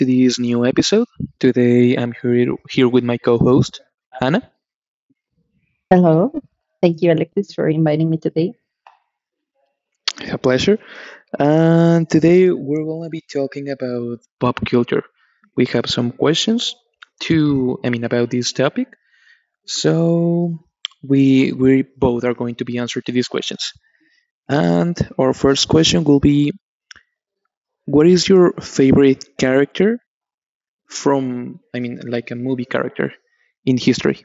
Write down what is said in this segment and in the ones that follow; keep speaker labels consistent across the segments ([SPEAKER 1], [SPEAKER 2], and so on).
[SPEAKER 1] to this new episode. Today I'm here with my co-host Anna.
[SPEAKER 2] Hello. Thank you, Alexis, for inviting me today.
[SPEAKER 1] A pleasure. And today we're gonna be talking about pop culture. We have some questions to about this topic. So we both are going to be answered to these questions. And our first question will be what is your favorite character from a movie character in history?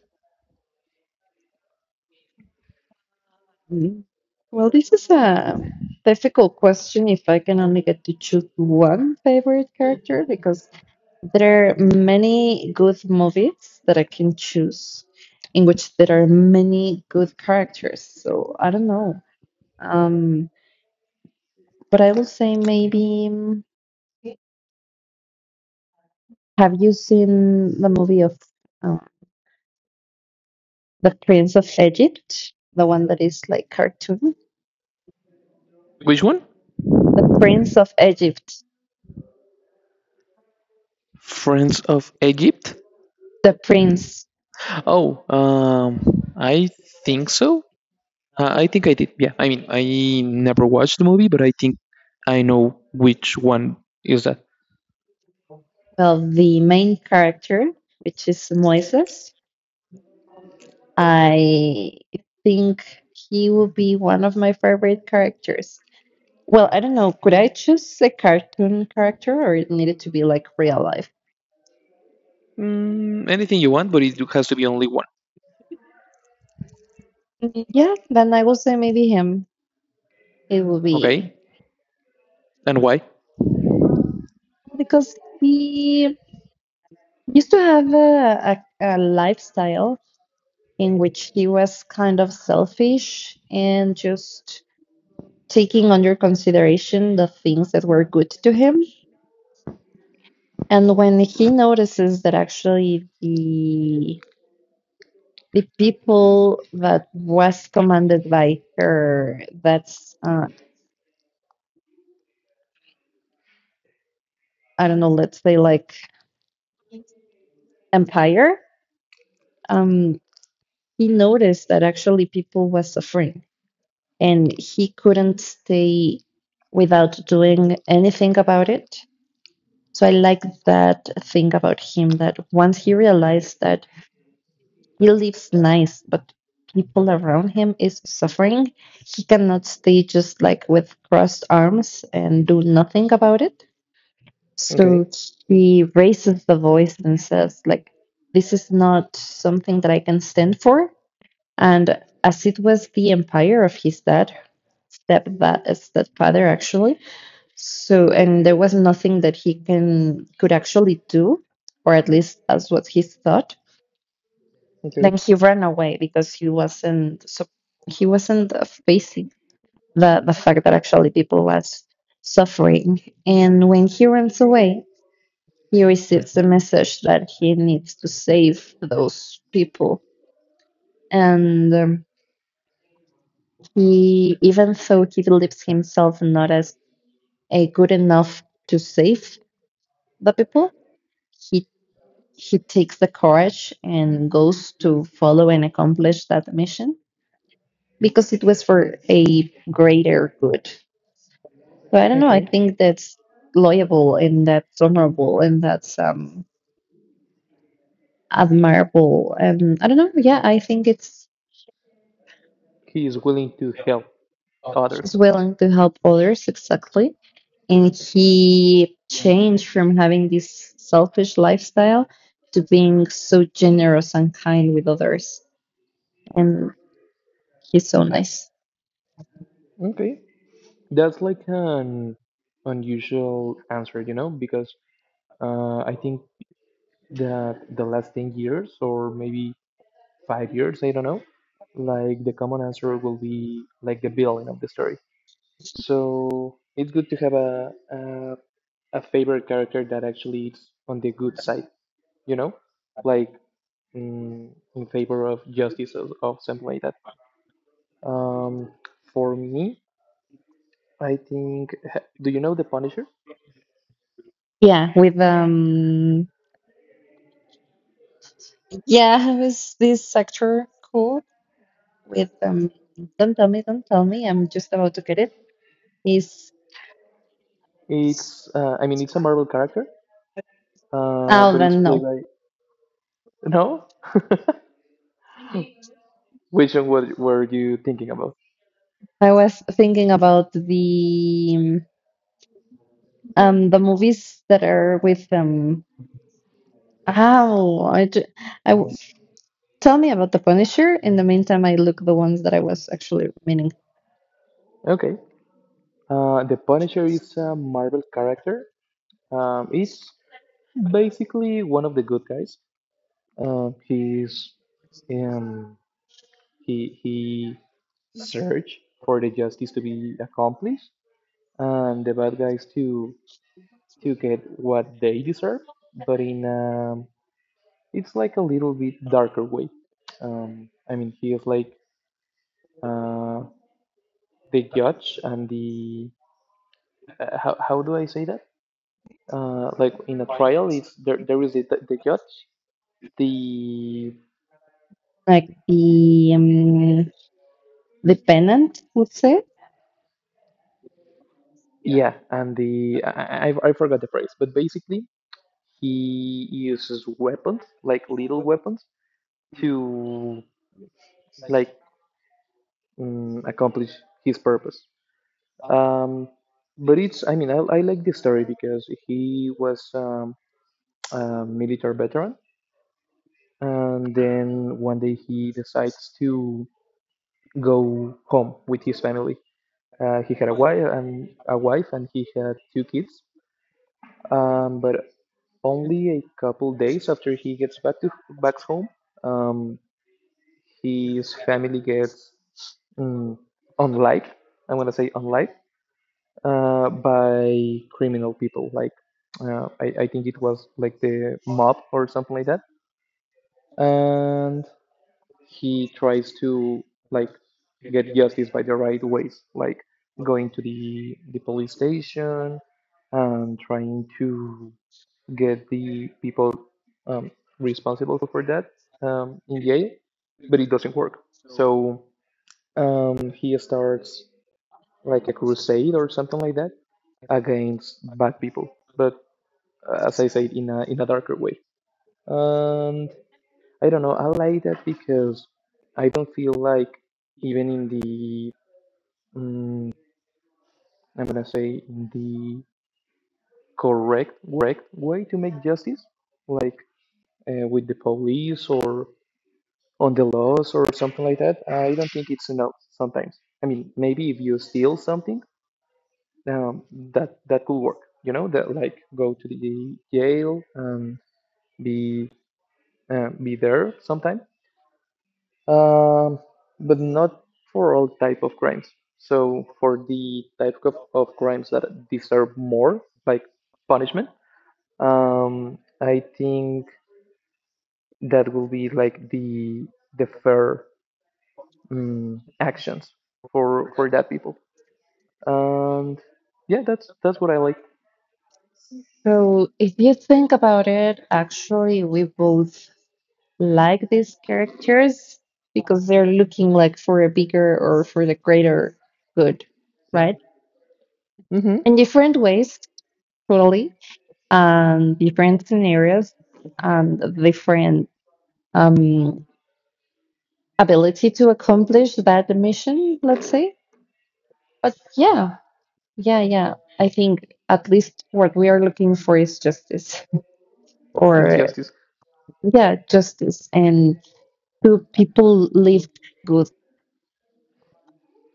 [SPEAKER 2] Mm, Well, this is a difficult question if I can only get to choose one favorite character, because there are many good movies that I can choose in which there are many good characters. So I don't know. Um, but I will say maybe, have you seen the movie of uh, The Prince of Egypt? The one that is like cartoon?
[SPEAKER 1] Which one?
[SPEAKER 2] The Prince of Egypt.
[SPEAKER 1] Friends of Egypt?
[SPEAKER 2] The prince,
[SPEAKER 1] Oh, I think so. I think I did. Yeah, I mean, I never watched the movie, but I think I know which one is that.
[SPEAKER 2] well, the main character, which is Moises, I think he will be one of my favorite characters. Well, I don't know. Could I choose a cartoon character, or it needed to be like real life?
[SPEAKER 1] Mm, anything you want, but it has to be only one.
[SPEAKER 2] Yeah, then I will say maybe him. It will be
[SPEAKER 1] Okay, and why?
[SPEAKER 2] because he used to have a lifestyle in which he was kind of selfish and just taking under consideration the things that were good to him. And when he notices that actually the people that was commanded by her, that's, I don't know, let's say, like, empire, um, he noticed that actually people was suffering and he couldn't stay without doing anything about it. So I like that thing about him, that once he realized that he lives nice, but people around him is suffering, he cannot stay just like with crossed arms and do nothing about it.
[SPEAKER 1] Okay,
[SPEAKER 2] So he raises the voice and says, like, this is not something that I can stand for. And as it was the empire of his dad, step stepfather actually. So, and there was nothing that he can could actually do, or at least that's what he thought.
[SPEAKER 1] okay,
[SPEAKER 2] Then he ran away because he wasn't facing the fact that actually people was suffering. And when he runs away, he receives the message that he needs to save those people. And he even though he believes himself not as a good enough to save the people, he he takes the courage and goes to follow and accomplish that mission because it was for a greater good. So I don't know. I
[SPEAKER 1] okay,
[SPEAKER 2] think that's loyable, and that's honorable, and that's admirable. And I don't know. Yeah, I think it's
[SPEAKER 1] he is willing to help others.
[SPEAKER 2] he's willing to help others, exactly. And he changed from having this selfish lifestyle to being so generous and kind with others. And he's so nice.
[SPEAKER 1] Okay. That's like an unusual answer, you know, because I think that the last 10 years or maybe 5 years, I don't know, like the common answer will be like the villain of the story. So it's good to have a favorite character that actually is on the good side, you know, like mm, in favor of justice or something like that. Um, for me, I think. Do you know the Punisher?
[SPEAKER 2] Yeah, with, yeah, was this actor cool? With don't tell me, I'm just about to get it. Is
[SPEAKER 1] It's I mean it's a Marvel character, but it's
[SPEAKER 2] Alvin?
[SPEAKER 1] played
[SPEAKER 2] No.
[SPEAKER 1] by no. Which one were you thinking about?
[SPEAKER 2] I was thinking about the movies that are with oh, I, ju- I w- tell me about the Punisher. In the meantime, I look the ones that I was actually meaning,
[SPEAKER 1] Okay. The Punisher is a Marvel character. It's basically one of the good guys. He's um, he search for the justice to be accomplished and the bad guys to get what they deserve, but in it's like a little bit darker way. I mean, he is like uh, the judge and the how do I say that? Like in a trial is there is the judge the
[SPEAKER 2] like the Pennant, would say.
[SPEAKER 1] yeah and the I forgot the phrase but basically he uses weapons like little weapons to like mm, accomplish his purpose um but it's I mean I like this story because he was a military veteran and then one day he decides to go home with his family. He had a wife, and he had two kids. But only a couple days after he gets back home, um, his family gets mm, unlike I'm gonna say unlike by criminal people. Like I think it was like the mob or something like that. And he tries to like get justice by the right ways, like going to the police station and trying to get the people um, responsible for that in jail, but it doesn't work. So he starts like a crusade or something like that against bad people, but as I said, in a darker way. And I don't know. I like that because I don't feel like even in the mm I'm gonna say in the correct way to make justice, like with the police or on the laws or something like that. I don't think it's enough sometimes. I mean, maybe if you steal something, um, that could work. You know, that like go to the jail and be be there sometime. um, but not for all type of crimes. So for the type of crimes that deserve more, like punishment, I think that will be like the fair actions for that people. And yeah, that's what I like.
[SPEAKER 2] So if you think about it, actually we both like these characters because they're looking like for a bigger or for the greater good, right?
[SPEAKER 1] Hmm.
[SPEAKER 2] In different ways, totally, different scenarios, different um, ability to accomplish that mission, let's say. But yeah, yeah, yeah. I think at least what we are looking for is justice,
[SPEAKER 1] It's
[SPEAKER 2] or
[SPEAKER 1] justice.
[SPEAKER 2] yeah, justice, and do people live good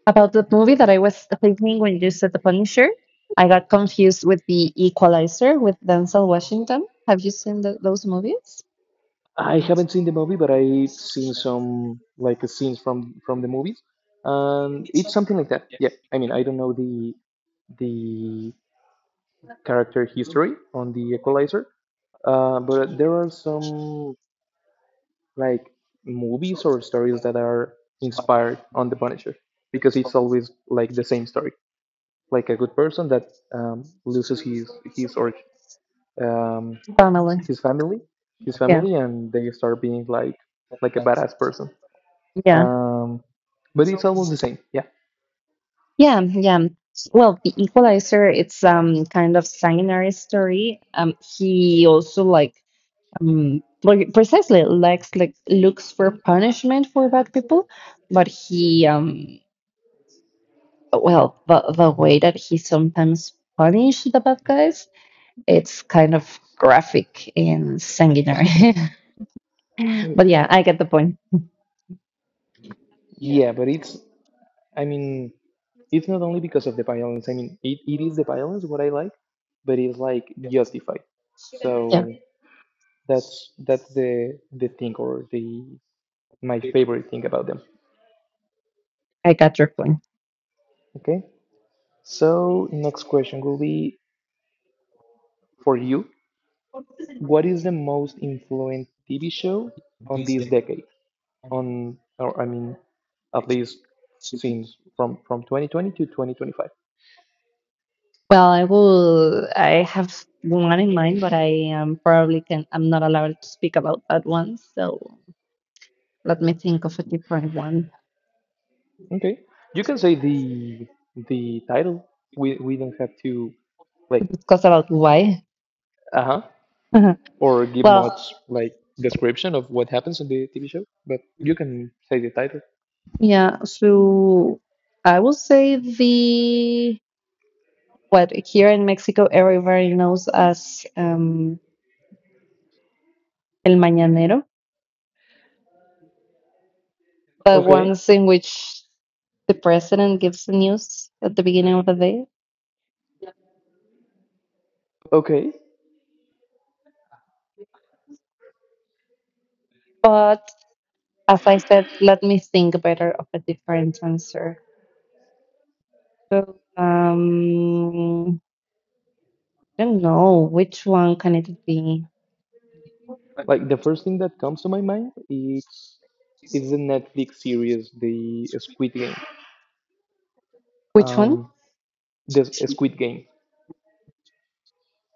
[SPEAKER 2] about that movie that I was thinking when you said The Punisher. I got confused with The Equalizer, with Denzel Washington. Have you seen those movies?
[SPEAKER 1] I haven't seen the movie, but I've seen some like scenes from the movies, and it's something like that. Yeah, I mean, I don't know the the character history on the Equalizer, but there are some like movies or stories that are inspired on the Punisher because it's always like the same story, like a good person that loses his his or um,
[SPEAKER 2] Family.
[SPEAKER 1] his family, his
[SPEAKER 2] Yeah,
[SPEAKER 1] family, and they start being like a badass person.
[SPEAKER 2] yeah,
[SPEAKER 1] Um, but it's almost the same. Yeah.
[SPEAKER 2] yeah, yeah. Well, The Equalizer, it's kind of sanguinary story. He also, like, like, precisely likes, like, looks for punishment for bad people, but he, well, the way that he sometimes punish the bad guys, it's kind of graphic and sanguinary. But yeah, I get the point.
[SPEAKER 1] Yeah, but it's, I mean, it's not only because of the violence. I mean, it is the violence what I like, but it's like justified.
[SPEAKER 2] Yeah,
[SPEAKER 1] So that's the thing or the my favorite thing about them.
[SPEAKER 2] I got your point.
[SPEAKER 1] Okay. So next question will be for you. What is the most influent TV show on this decade? On or I mean, at least since from 2020 to 2025.
[SPEAKER 2] Well, I will. I have one in mind, but I am probably can. I'm not allowed to speak about that one. So let me think of a different one
[SPEAKER 1] Okay, you can say the title. We don't have to
[SPEAKER 2] to
[SPEAKER 1] like
[SPEAKER 2] discuss about why.
[SPEAKER 1] uh huh or give
[SPEAKER 2] Well,
[SPEAKER 1] much like description of what happens in the TV show, but you can say the title.
[SPEAKER 2] yeah. So I will say, the what here in Mexico everybody knows as el mañanero, the
[SPEAKER 1] Okay,
[SPEAKER 2] ones in which the president gives the news at the beginning of the day.
[SPEAKER 1] okay.
[SPEAKER 2] But as I said, let me think better of a different answer. So, I don't know, which one can it be?
[SPEAKER 1] Like the first thing that comes to my mind is the Netflix series The Squid Game.
[SPEAKER 2] Which one?
[SPEAKER 1] Um, this Squid Game.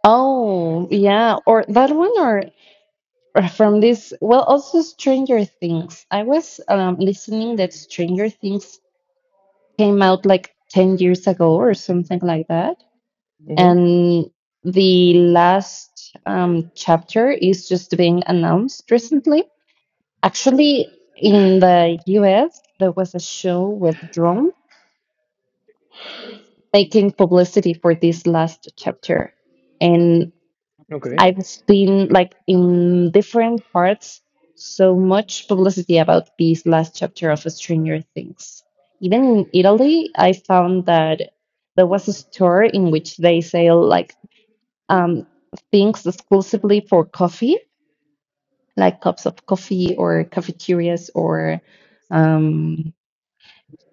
[SPEAKER 2] Oh, yeah, or that one, or, from this. Well, also Stranger Things. I was listening that Stranger Things came out like 10 years ago or something like that.
[SPEAKER 1] Mm-hmm.
[SPEAKER 2] And the last chapter is just being announced recently. Actually, in the US, there was a show with drones making publicity for this last chapter. And
[SPEAKER 1] Okay.
[SPEAKER 2] I've seen, like, in different parts, so much publicity about this last chapter of Stranger Things. Even in Italy, I found that there was a store in which they sell, like, um, things exclusively for coffee, like cups of coffee or cafeterias, or um,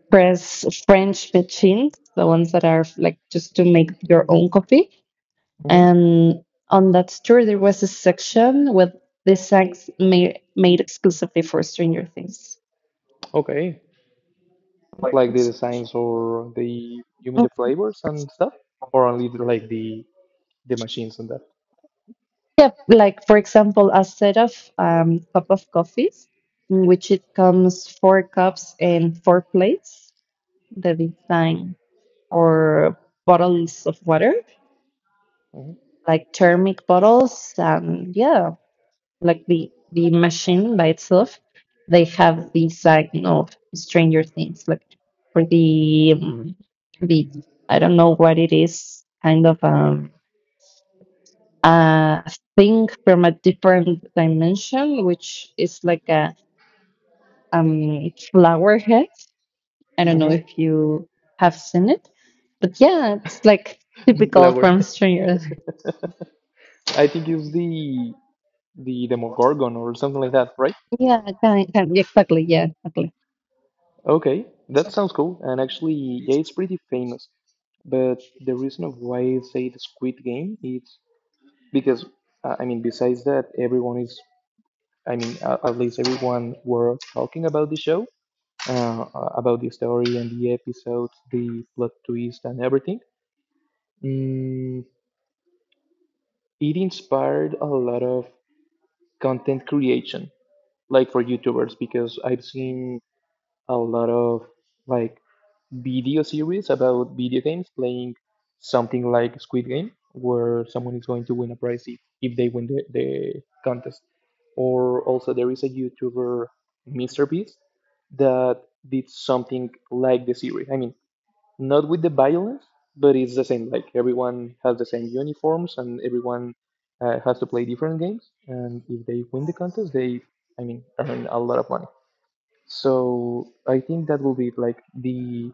[SPEAKER 2] press French machines, the ones that are like just to make your own coffee.
[SPEAKER 1] Mm-hmm.
[SPEAKER 2] And on that store, there was a section with designs made exclusively for Stranger Things.
[SPEAKER 1] Okay. Like the designs or the you mean
[SPEAKER 2] Mm,
[SPEAKER 1] the flavors and stuff, or only the, like the machines and that.
[SPEAKER 2] Yeah, like, for example, a set of cup of coffees, in which it comes four cups and four plates. The design, or bottles of water,
[SPEAKER 1] Hmm.
[SPEAKER 2] like thermic bottles, and yeah, like the machine by itself, they have this, like, Stranger Things, like, for the I don't know what it is, kind of a thing from a different dimension, which is like a flower head. I don't know
[SPEAKER 1] Hmm.
[SPEAKER 2] if you have seen it, but yeah, it's like
[SPEAKER 1] The
[SPEAKER 2] typical
[SPEAKER 1] flower.
[SPEAKER 2] from Stranger.
[SPEAKER 1] I think it's the Demogorgon or something like that, right?
[SPEAKER 2] Yeah, yeah, exactly. Yeah, exactly.
[SPEAKER 1] Okay, that sounds cool. And actually, yeah, it's pretty famous. But the reason of why I say the Squid Game is because I mean, besides that, everyone is at least everyone were talking about the show, about the story and the episodes, the plot twist and everything. Mm, it inspired a lot of content creation like for YouTubers because I've seen a lot of like video series about video games playing something like Squid Game, where someone is going to win a prize if they win the contest. Or also there is a YouTuber, Mr. Beast, that did something like the series. I mean, not with the violence, but it's the same. Like everyone has the same uniforms, and everyone has to play different games. And if they win the contest, I mean, earn a lot of money. So I think that will be like the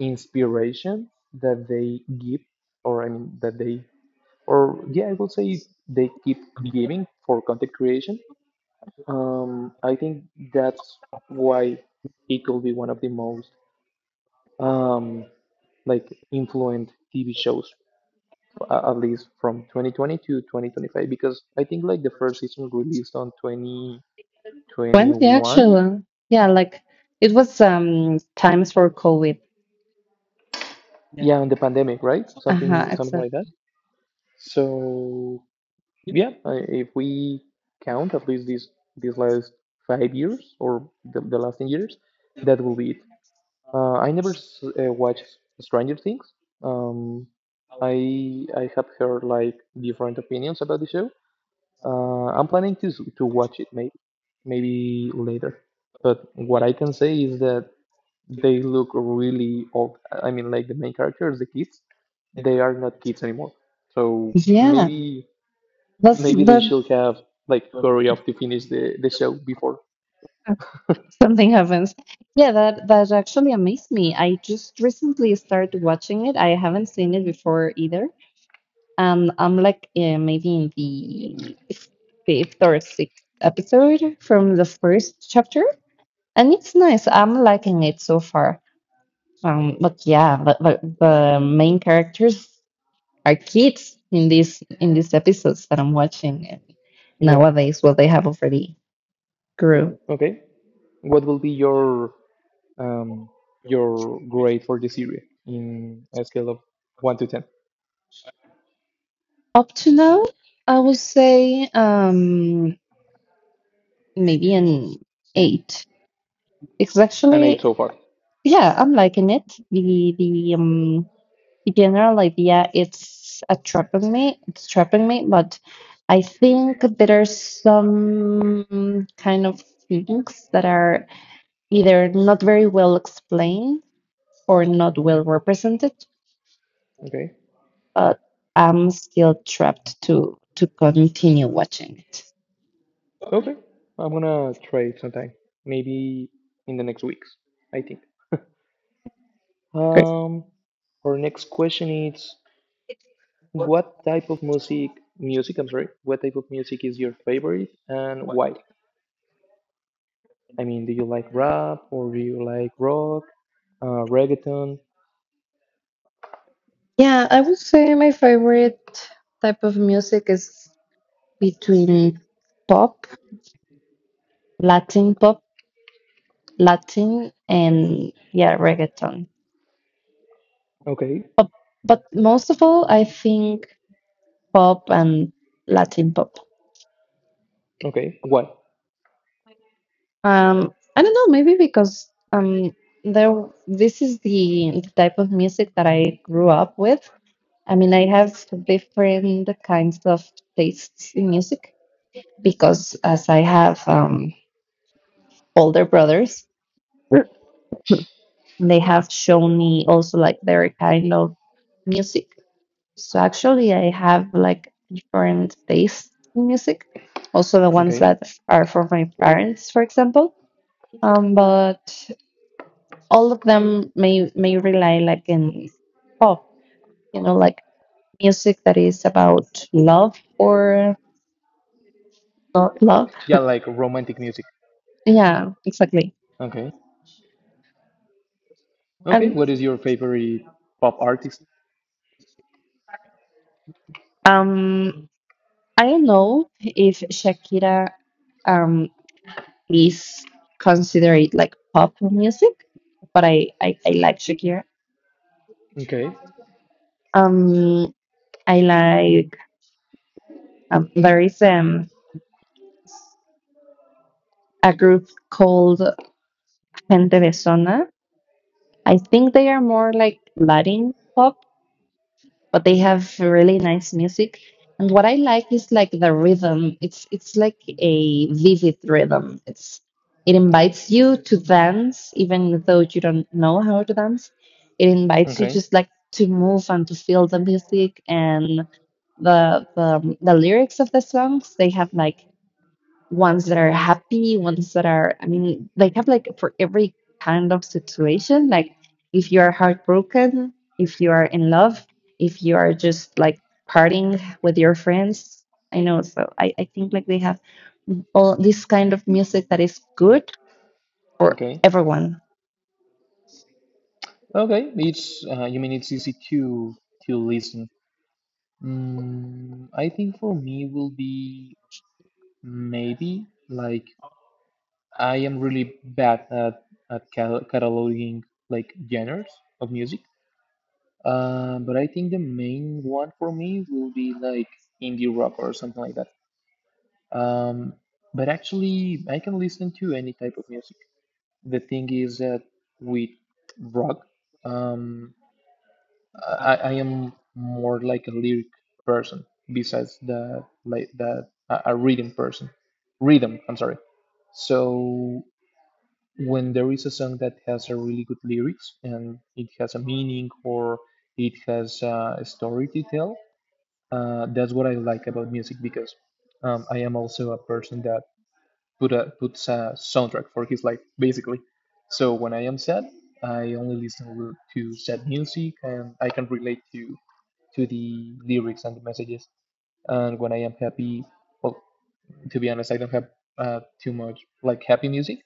[SPEAKER 1] inspiration that they give, or I mean, that they, or yeah, I will say they keep giving for content creation. I think that's why it could be one of the most um, like influent TV shows, at least from 2020 to 2025, because I think like the first season released on
[SPEAKER 2] Plenty,
[SPEAKER 1] 2021.
[SPEAKER 2] actually. Yeah, like, it was times for COVID.
[SPEAKER 1] Yeah, on the pandemic, right?
[SPEAKER 2] Uh-huh,
[SPEAKER 1] Something like that.
[SPEAKER 2] exactly.
[SPEAKER 1] So yeah, if we count at least these last 5 years or the last 10 years, that will be it. I never watched Stranger Things. Um, I have heard like different opinions about the show. I'm planning to to watch it maybe later. But what I can say is that they look really old. I mean, like the main characters, the kids, they are not kids anymore. So
[SPEAKER 2] Yeah, that's
[SPEAKER 1] maybe they
[SPEAKER 2] that.
[SPEAKER 1] should have like hurry up to finish the show before.
[SPEAKER 2] Something happens. Yeah, that actually amazed me. I just recently started watching it. I haven't seen it before either. I'm like, maybe in the fifth or sixth episode from the first chapter, and it's nice. I'm liking it so far. But yeah, but the main characters are kids in these episodes that I'm watching, and
[SPEAKER 1] Yeah.
[SPEAKER 2] nowadays, well, they have already grew
[SPEAKER 1] Okay. What will be um your grade for the series in a scale of 1 to 10?
[SPEAKER 2] up to now. I would say, maybe an eight. It's,
[SPEAKER 1] An eight
[SPEAKER 2] actually,
[SPEAKER 1] so far.
[SPEAKER 2] yeah, I'm liking it. The the um the general idea, it's attraping me, it's trapping me, but I think there are some kind of things that are either not very well explained or not
[SPEAKER 1] Mhm.
[SPEAKER 2] well represented,
[SPEAKER 1] Okay.
[SPEAKER 2] but I'm still trapped to continue watching it.
[SPEAKER 1] Okay, I'm gonna try it sometime. Maybe in the next weeks, I think.
[SPEAKER 2] Great.
[SPEAKER 1] Um, our next question is what type of music, I'm sorry, what type of music is your favorite and why? I mean, do you like rap or do you like rock, reggaeton?
[SPEAKER 2] Yeah, I would say my favorite type of music is between pop, pop, Latin, and, yeah, reggaeton.
[SPEAKER 1] Okay,
[SPEAKER 2] But, most of all, I think pop and Latin pop.
[SPEAKER 1] okay, why?
[SPEAKER 2] I don't know, maybe because there this is the type of music that I grew up with. I mean, I have different kinds of tastes in music because, as I have older brothers, they have shown me also, like, their kind of music. So, actually, I have, like, different tastes in music. Also the ones
[SPEAKER 1] Okay.
[SPEAKER 2] that are from my parents, for example. But all of them may rely, like, in pop, like music that is about love or not love.
[SPEAKER 1] Yeah, like romantic music.
[SPEAKER 2] Yeah, exactly.
[SPEAKER 1] Okay. Okay,
[SPEAKER 2] And,
[SPEAKER 1] what is your favorite pop artist?
[SPEAKER 2] um, I don't know if Shakira um is considered like pop music, but I like Shakira.
[SPEAKER 1] Okay.
[SPEAKER 2] Um, I like, there is a group called Gente Besona. I think they are more like Latin pop, but they have really nice music. And what I like is, like, the rhythm. It's like a vivid rhythm. It invites you to dance, even though you don't know how to dance. It invites you
[SPEAKER 1] Okay.
[SPEAKER 2] just, like, to move and to feel the music and the lyrics of the songs. They have, like, ones that are happy, ones that are, I mean, they have, like, for every kind of situation. Like, if you are heartbroken, if you are in love, if you are just, like, partying with your friends, I know. So, I think, like, they have all this kind of music that is good for
[SPEAKER 1] Okay.
[SPEAKER 2] everyone.
[SPEAKER 1] Okay, it's you mean it's easy to listen. Mm, I think for me will be maybe like I am really bad at cal cataloging like genres of music. But I think the main one for me will be like indie rock or something like that. Um, but actually, I can listen to any type of music. The thing is that with rock, um, I am more like a lyric person besides that like that a rhythm person rhythm I'm sorry, so when there is a song that has a really good lyrics and it has a meaning or it has a story to tell, that's what I like about music because I am also a person puts a soundtrack for his life basically. So when I am sad, I only listen to sad music and I can relate to the lyrics and the messages. And when I am happy, well, to be honest, I don't have too much like happy music.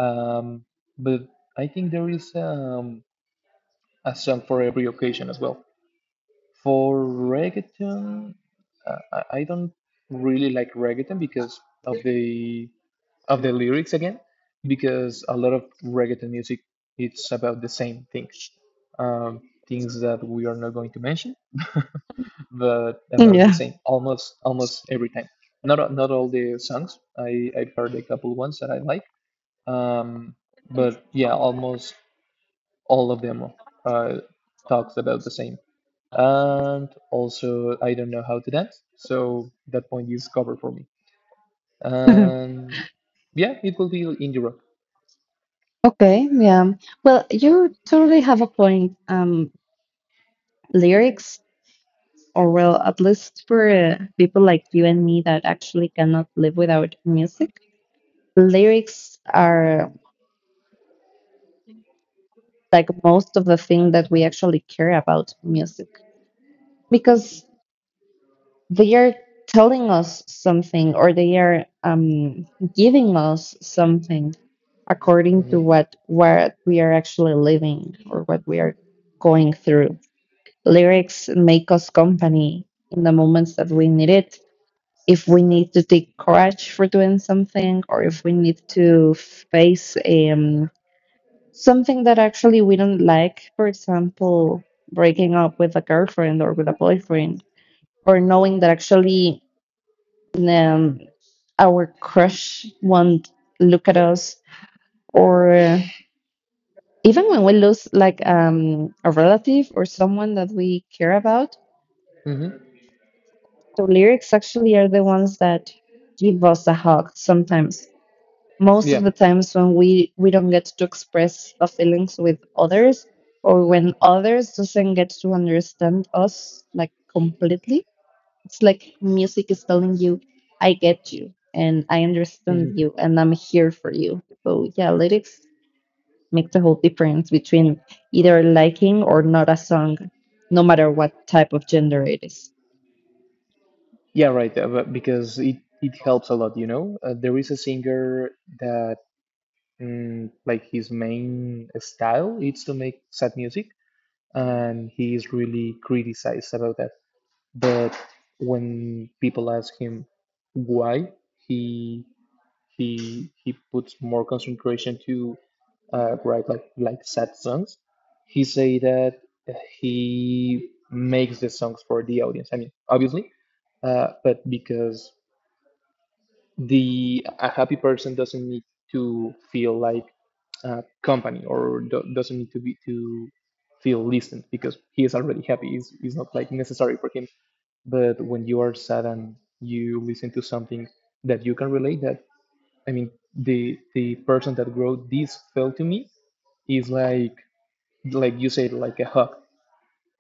[SPEAKER 1] Um, but I think there is a song for every occasion as well. For reggaeton, I don't really like reggaeton because of the lyrics again, because a lot of reggaeton music it's about the same thing, um, things that we are not going to mention, but about the
[SPEAKER 2] Yeah.
[SPEAKER 1] same almost every time. Not all the songs. I've heard a couple ones that I like, um, but yeah, almost all of them uh, talks about the same. And also, I don't know how to dance, so that point is covered for me. And yeah, it will be indie rock.
[SPEAKER 2] Okay, yeah. Well, you totally have a point. Lyrics. Or, well, at least for, people like you and me, that actually cannot live without music, lyrics are, like, most of the thing that we actually care about music, because they are telling us something, or they are, giving us something according to
[SPEAKER 1] hmm
[SPEAKER 2] what we are actually living, or what we are going through. Lyrics make us company in the moments that we need it, if we need to take courage for doing something, or if we need to face something that actually we don't like, for example, breaking up with a girlfriend, or with a boyfriend, or knowing that, actually, um, our crush won't look at us, or, even when we lose, like, a relative or someone that we care about,
[SPEAKER 1] hmm
[SPEAKER 2] the lyrics actually are the ones that give us a hug, sometimes, most of
[SPEAKER 1] Yeah.
[SPEAKER 2] the times, when we don't get to express the feelings with others, or when others doesn't get to understand us like completely. It's like music is telling you, I get you, and I understand
[SPEAKER 1] hmm
[SPEAKER 2] you, and I'm here for you. So, yeah, lyrics make the whole difference between either liking or not a song, no matter what type of gender it is.
[SPEAKER 1] Yeah, right. But because it helps a lot, you know? There is a singer that, his main style is to make sad music, and he is really criticized about that. But when people ask him why, he he puts more concentration to write like sad songs. He say that uh, he makes the songs for the audience. I mean, obviously, but because the a happy person doesn't need to feel like company or doesn't need to be to feel listened, because he is already happy. It's not like necessary for him, but when you are sad and you listen to something that you can relate, that I mean, the person that wrote this felt to me is like you said, like a hug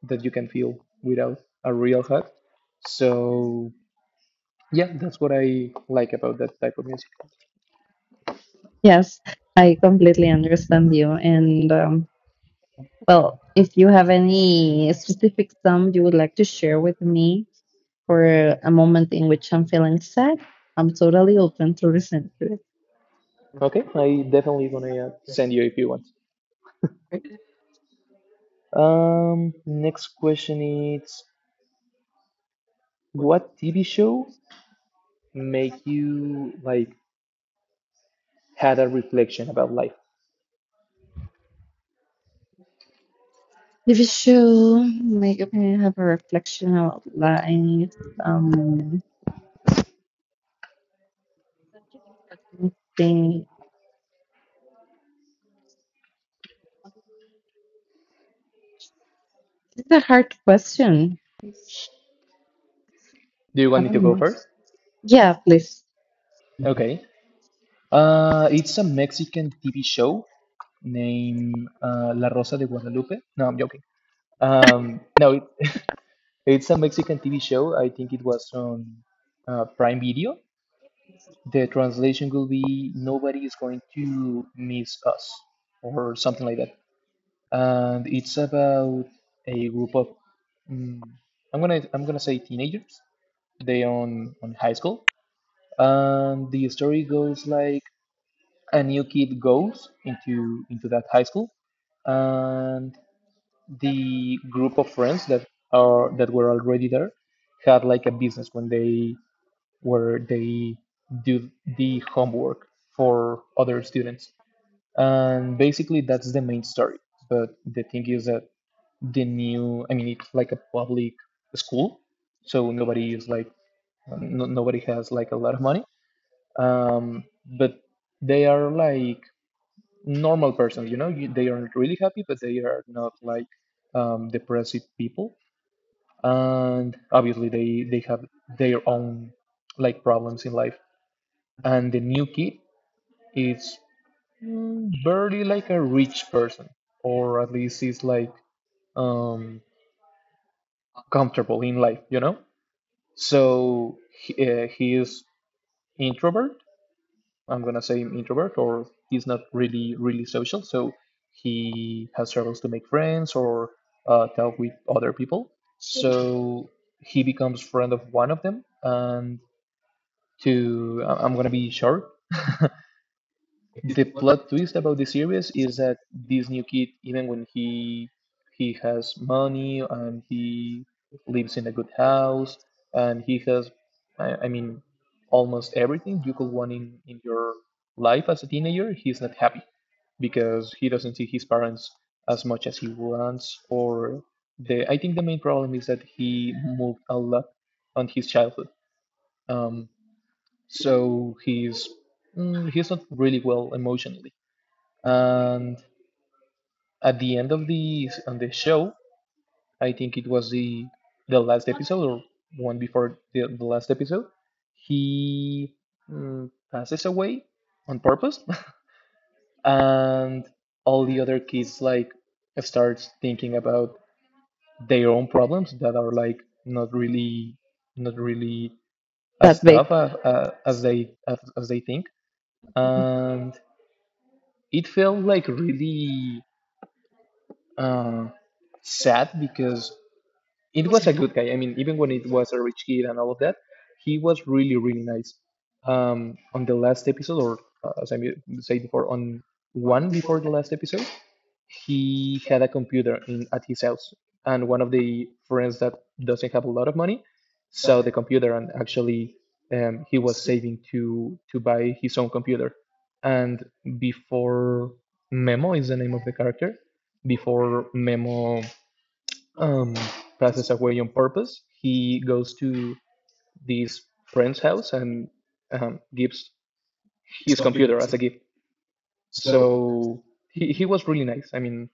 [SPEAKER 1] that you can feel without a real hug. So yeah, that's what I like about that type of music.
[SPEAKER 2] Yes, I completely understand you. And, well, if you have any specific song you would like to share with me for a moment in which I'm feeling sad, I'm totally open to listen to it.
[SPEAKER 1] Okay, I definitely gonna send you if you want. Next question is, what TV show make you like had a reflection about life?
[SPEAKER 2] If you should, like, okay, have a reflection about life, um, thing. This is a hard question. I
[SPEAKER 1] Do you want me to
[SPEAKER 2] don't
[SPEAKER 1] go
[SPEAKER 2] know.
[SPEAKER 1] first?
[SPEAKER 2] Yeah, please.
[SPEAKER 1] Okay. It's a Mexican TV show named La Rosa de Guadalupe. No, I'm joking. No, it, it's a Mexican TV show. I think it was on Prime Video. The translation will be Nobody is going to miss us, or something like that. And it's about a group of mm, I'm gonna say teenagers. They on high school, and the story goes like a new kid goes into that high school, and the group of friends that are that were already there had like a business when they where they do the homework for other students. And basically that's the main story, but the thing is that the new, I mean, it's like a public school, so nobody is like, no, nobody has like a lot of money, um, but they are like normal person, you know, they aren't really happy, but they are not like depressive people, and obviously they have their own like problems in life. And the new kid is barely like a rich person, or at least is like um comfortable in life, you know. So he is introvert, I'm gonna say him introvert, or he's not really really social, so he has struggles to make friends or talk with other people. So he becomes friend of one of them, and I'm gonna be short. The plot twist about the series is that this new kid, even when he has money and he lives in a good house and he has, I mean, almost everything you could want in your life as a teenager, he's not happy because he doesn't see his parents as much as he wants. Or the I think the main problem is that he moved a lot on his childhood, um, so he's he's not really well emotionally. And at the end of the on the show, I think it was the last episode or one before the last episode, he passes away on purpose, and all the other kids like starts thinking about their own problems that are like not really as
[SPEAKER 2] That way.
[SPEAKER 1] tough as they as they think. And it felt like really uh, sad because it was a good guy. I mean, even when it was a rich kid and all of that, he was really, really nice. On the last episode, or as I said before, on one before the last episode, he had a computer in at his house, and one of the friends that doesn't have a lot of money saw the computer, and actually, he was saving to buy his own computer. And before Memo is the name of the character. Before Memo um, passes away on purpose, he goes to this friend's house and gives his computer as a gift. So he was really nice. I mean,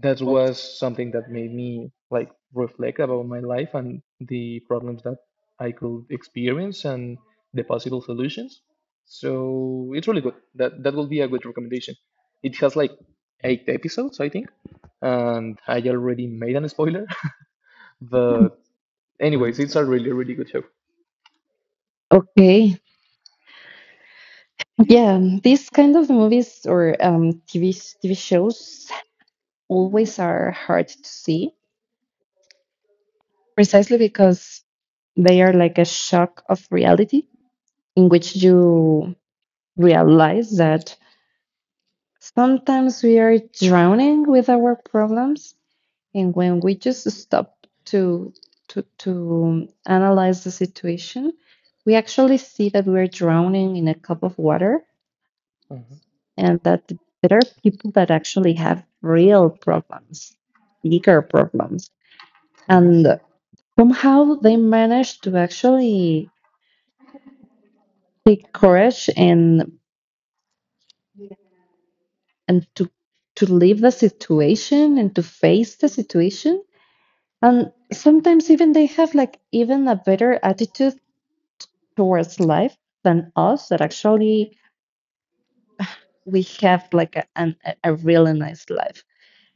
[SPEAKER 1] that was something that made me like reflect about my life and the problems that I could experience and the possible solutions. So it's really good. That will be a good recommendation. It has like eight episodes, I think, and I already made an spoiler, but anyways, it's a really, really good show.
[SPEAKER 2] Okay. Yeah, these kind of movies or, TV shows always are hard to see, precisely because they are like a shock of reality in which you realize that, sometimes, we are drowning with our problems. And when we just stop to to analyze the situation, we actually see that we're drowning in a cup of water,
[SPEAKER 1] Mm-hmm.
[SPEAKER 2] and that there are people that actually have real problems, bigger problems.
[SPEAKER 1] Mm-hmm.
[SPEAKER 2] And somehow they manage to actually take courage, and to leave the situation and to face the situation. And sometimes even they have, like, even a better attitude towards life than us, that actually we have, like, a, an, a really nice life.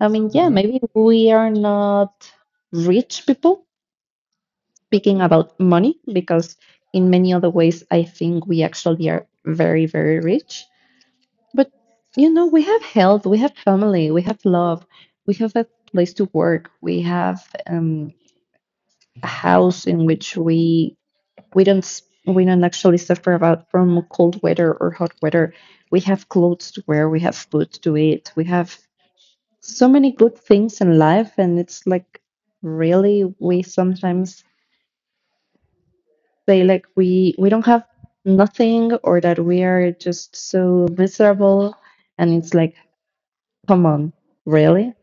[SPEAKER 2] I mean, yeah,
[SPEAKER 1] Mm-hmm.
[SPEAKER 2] maybe we are not rich people speaking about money, because in many other ways I think we actually are very, very rich. But we have health, we have family, we have love, we have a place to work, we have, a house in which we don't actually suffer about from cold weather or hot weather, we have clothes to wear, we have food to eat, we have so many good things in life. And it's like, really, we sometimes say, like, we don't have nothing, or that we are just so miserable. And it's like, come on, really.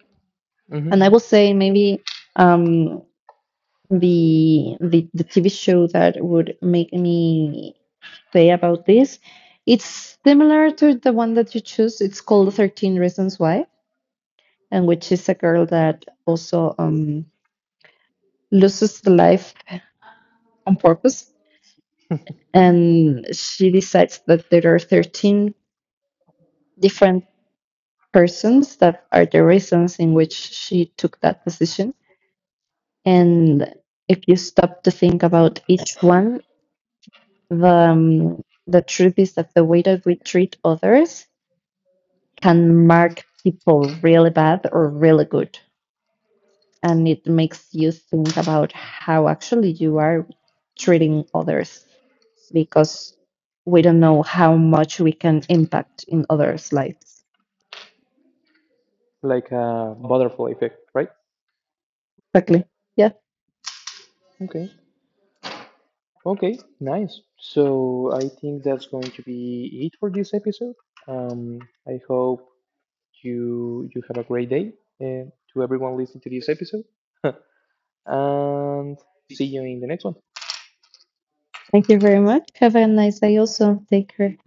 [SPEAKER 1] Mm-hmm.
[SPEAKER 2] And I will say, maybe, um the TV show that would make me say about this, it's similar to the one that you choose. It's called 13 Reasons Why, and which is a girl that also, loses the life on purpose. And she decides that there are 13 different persons that are the reasons in which she took that decision. And if you stop to think about each one, the, um, the truth is that the way that we treat others can mark people really bad or really good. And it makes you think about how actually you are treating others, because we don't know how much we can impact in others' lives.
[SPEAKER 1] Like a butterfly effect, right?
[SPEAKER 2] Exactly. Yeah.
[SPEAKER 1] Okay. Okay. Nice. So I think that's going to be it for this episode. Um, I hope you have a great day to everyone listening to this episode, and see you in the next one.
[SPEAKER 2] Thank you very much. Have a nice day also. Take care.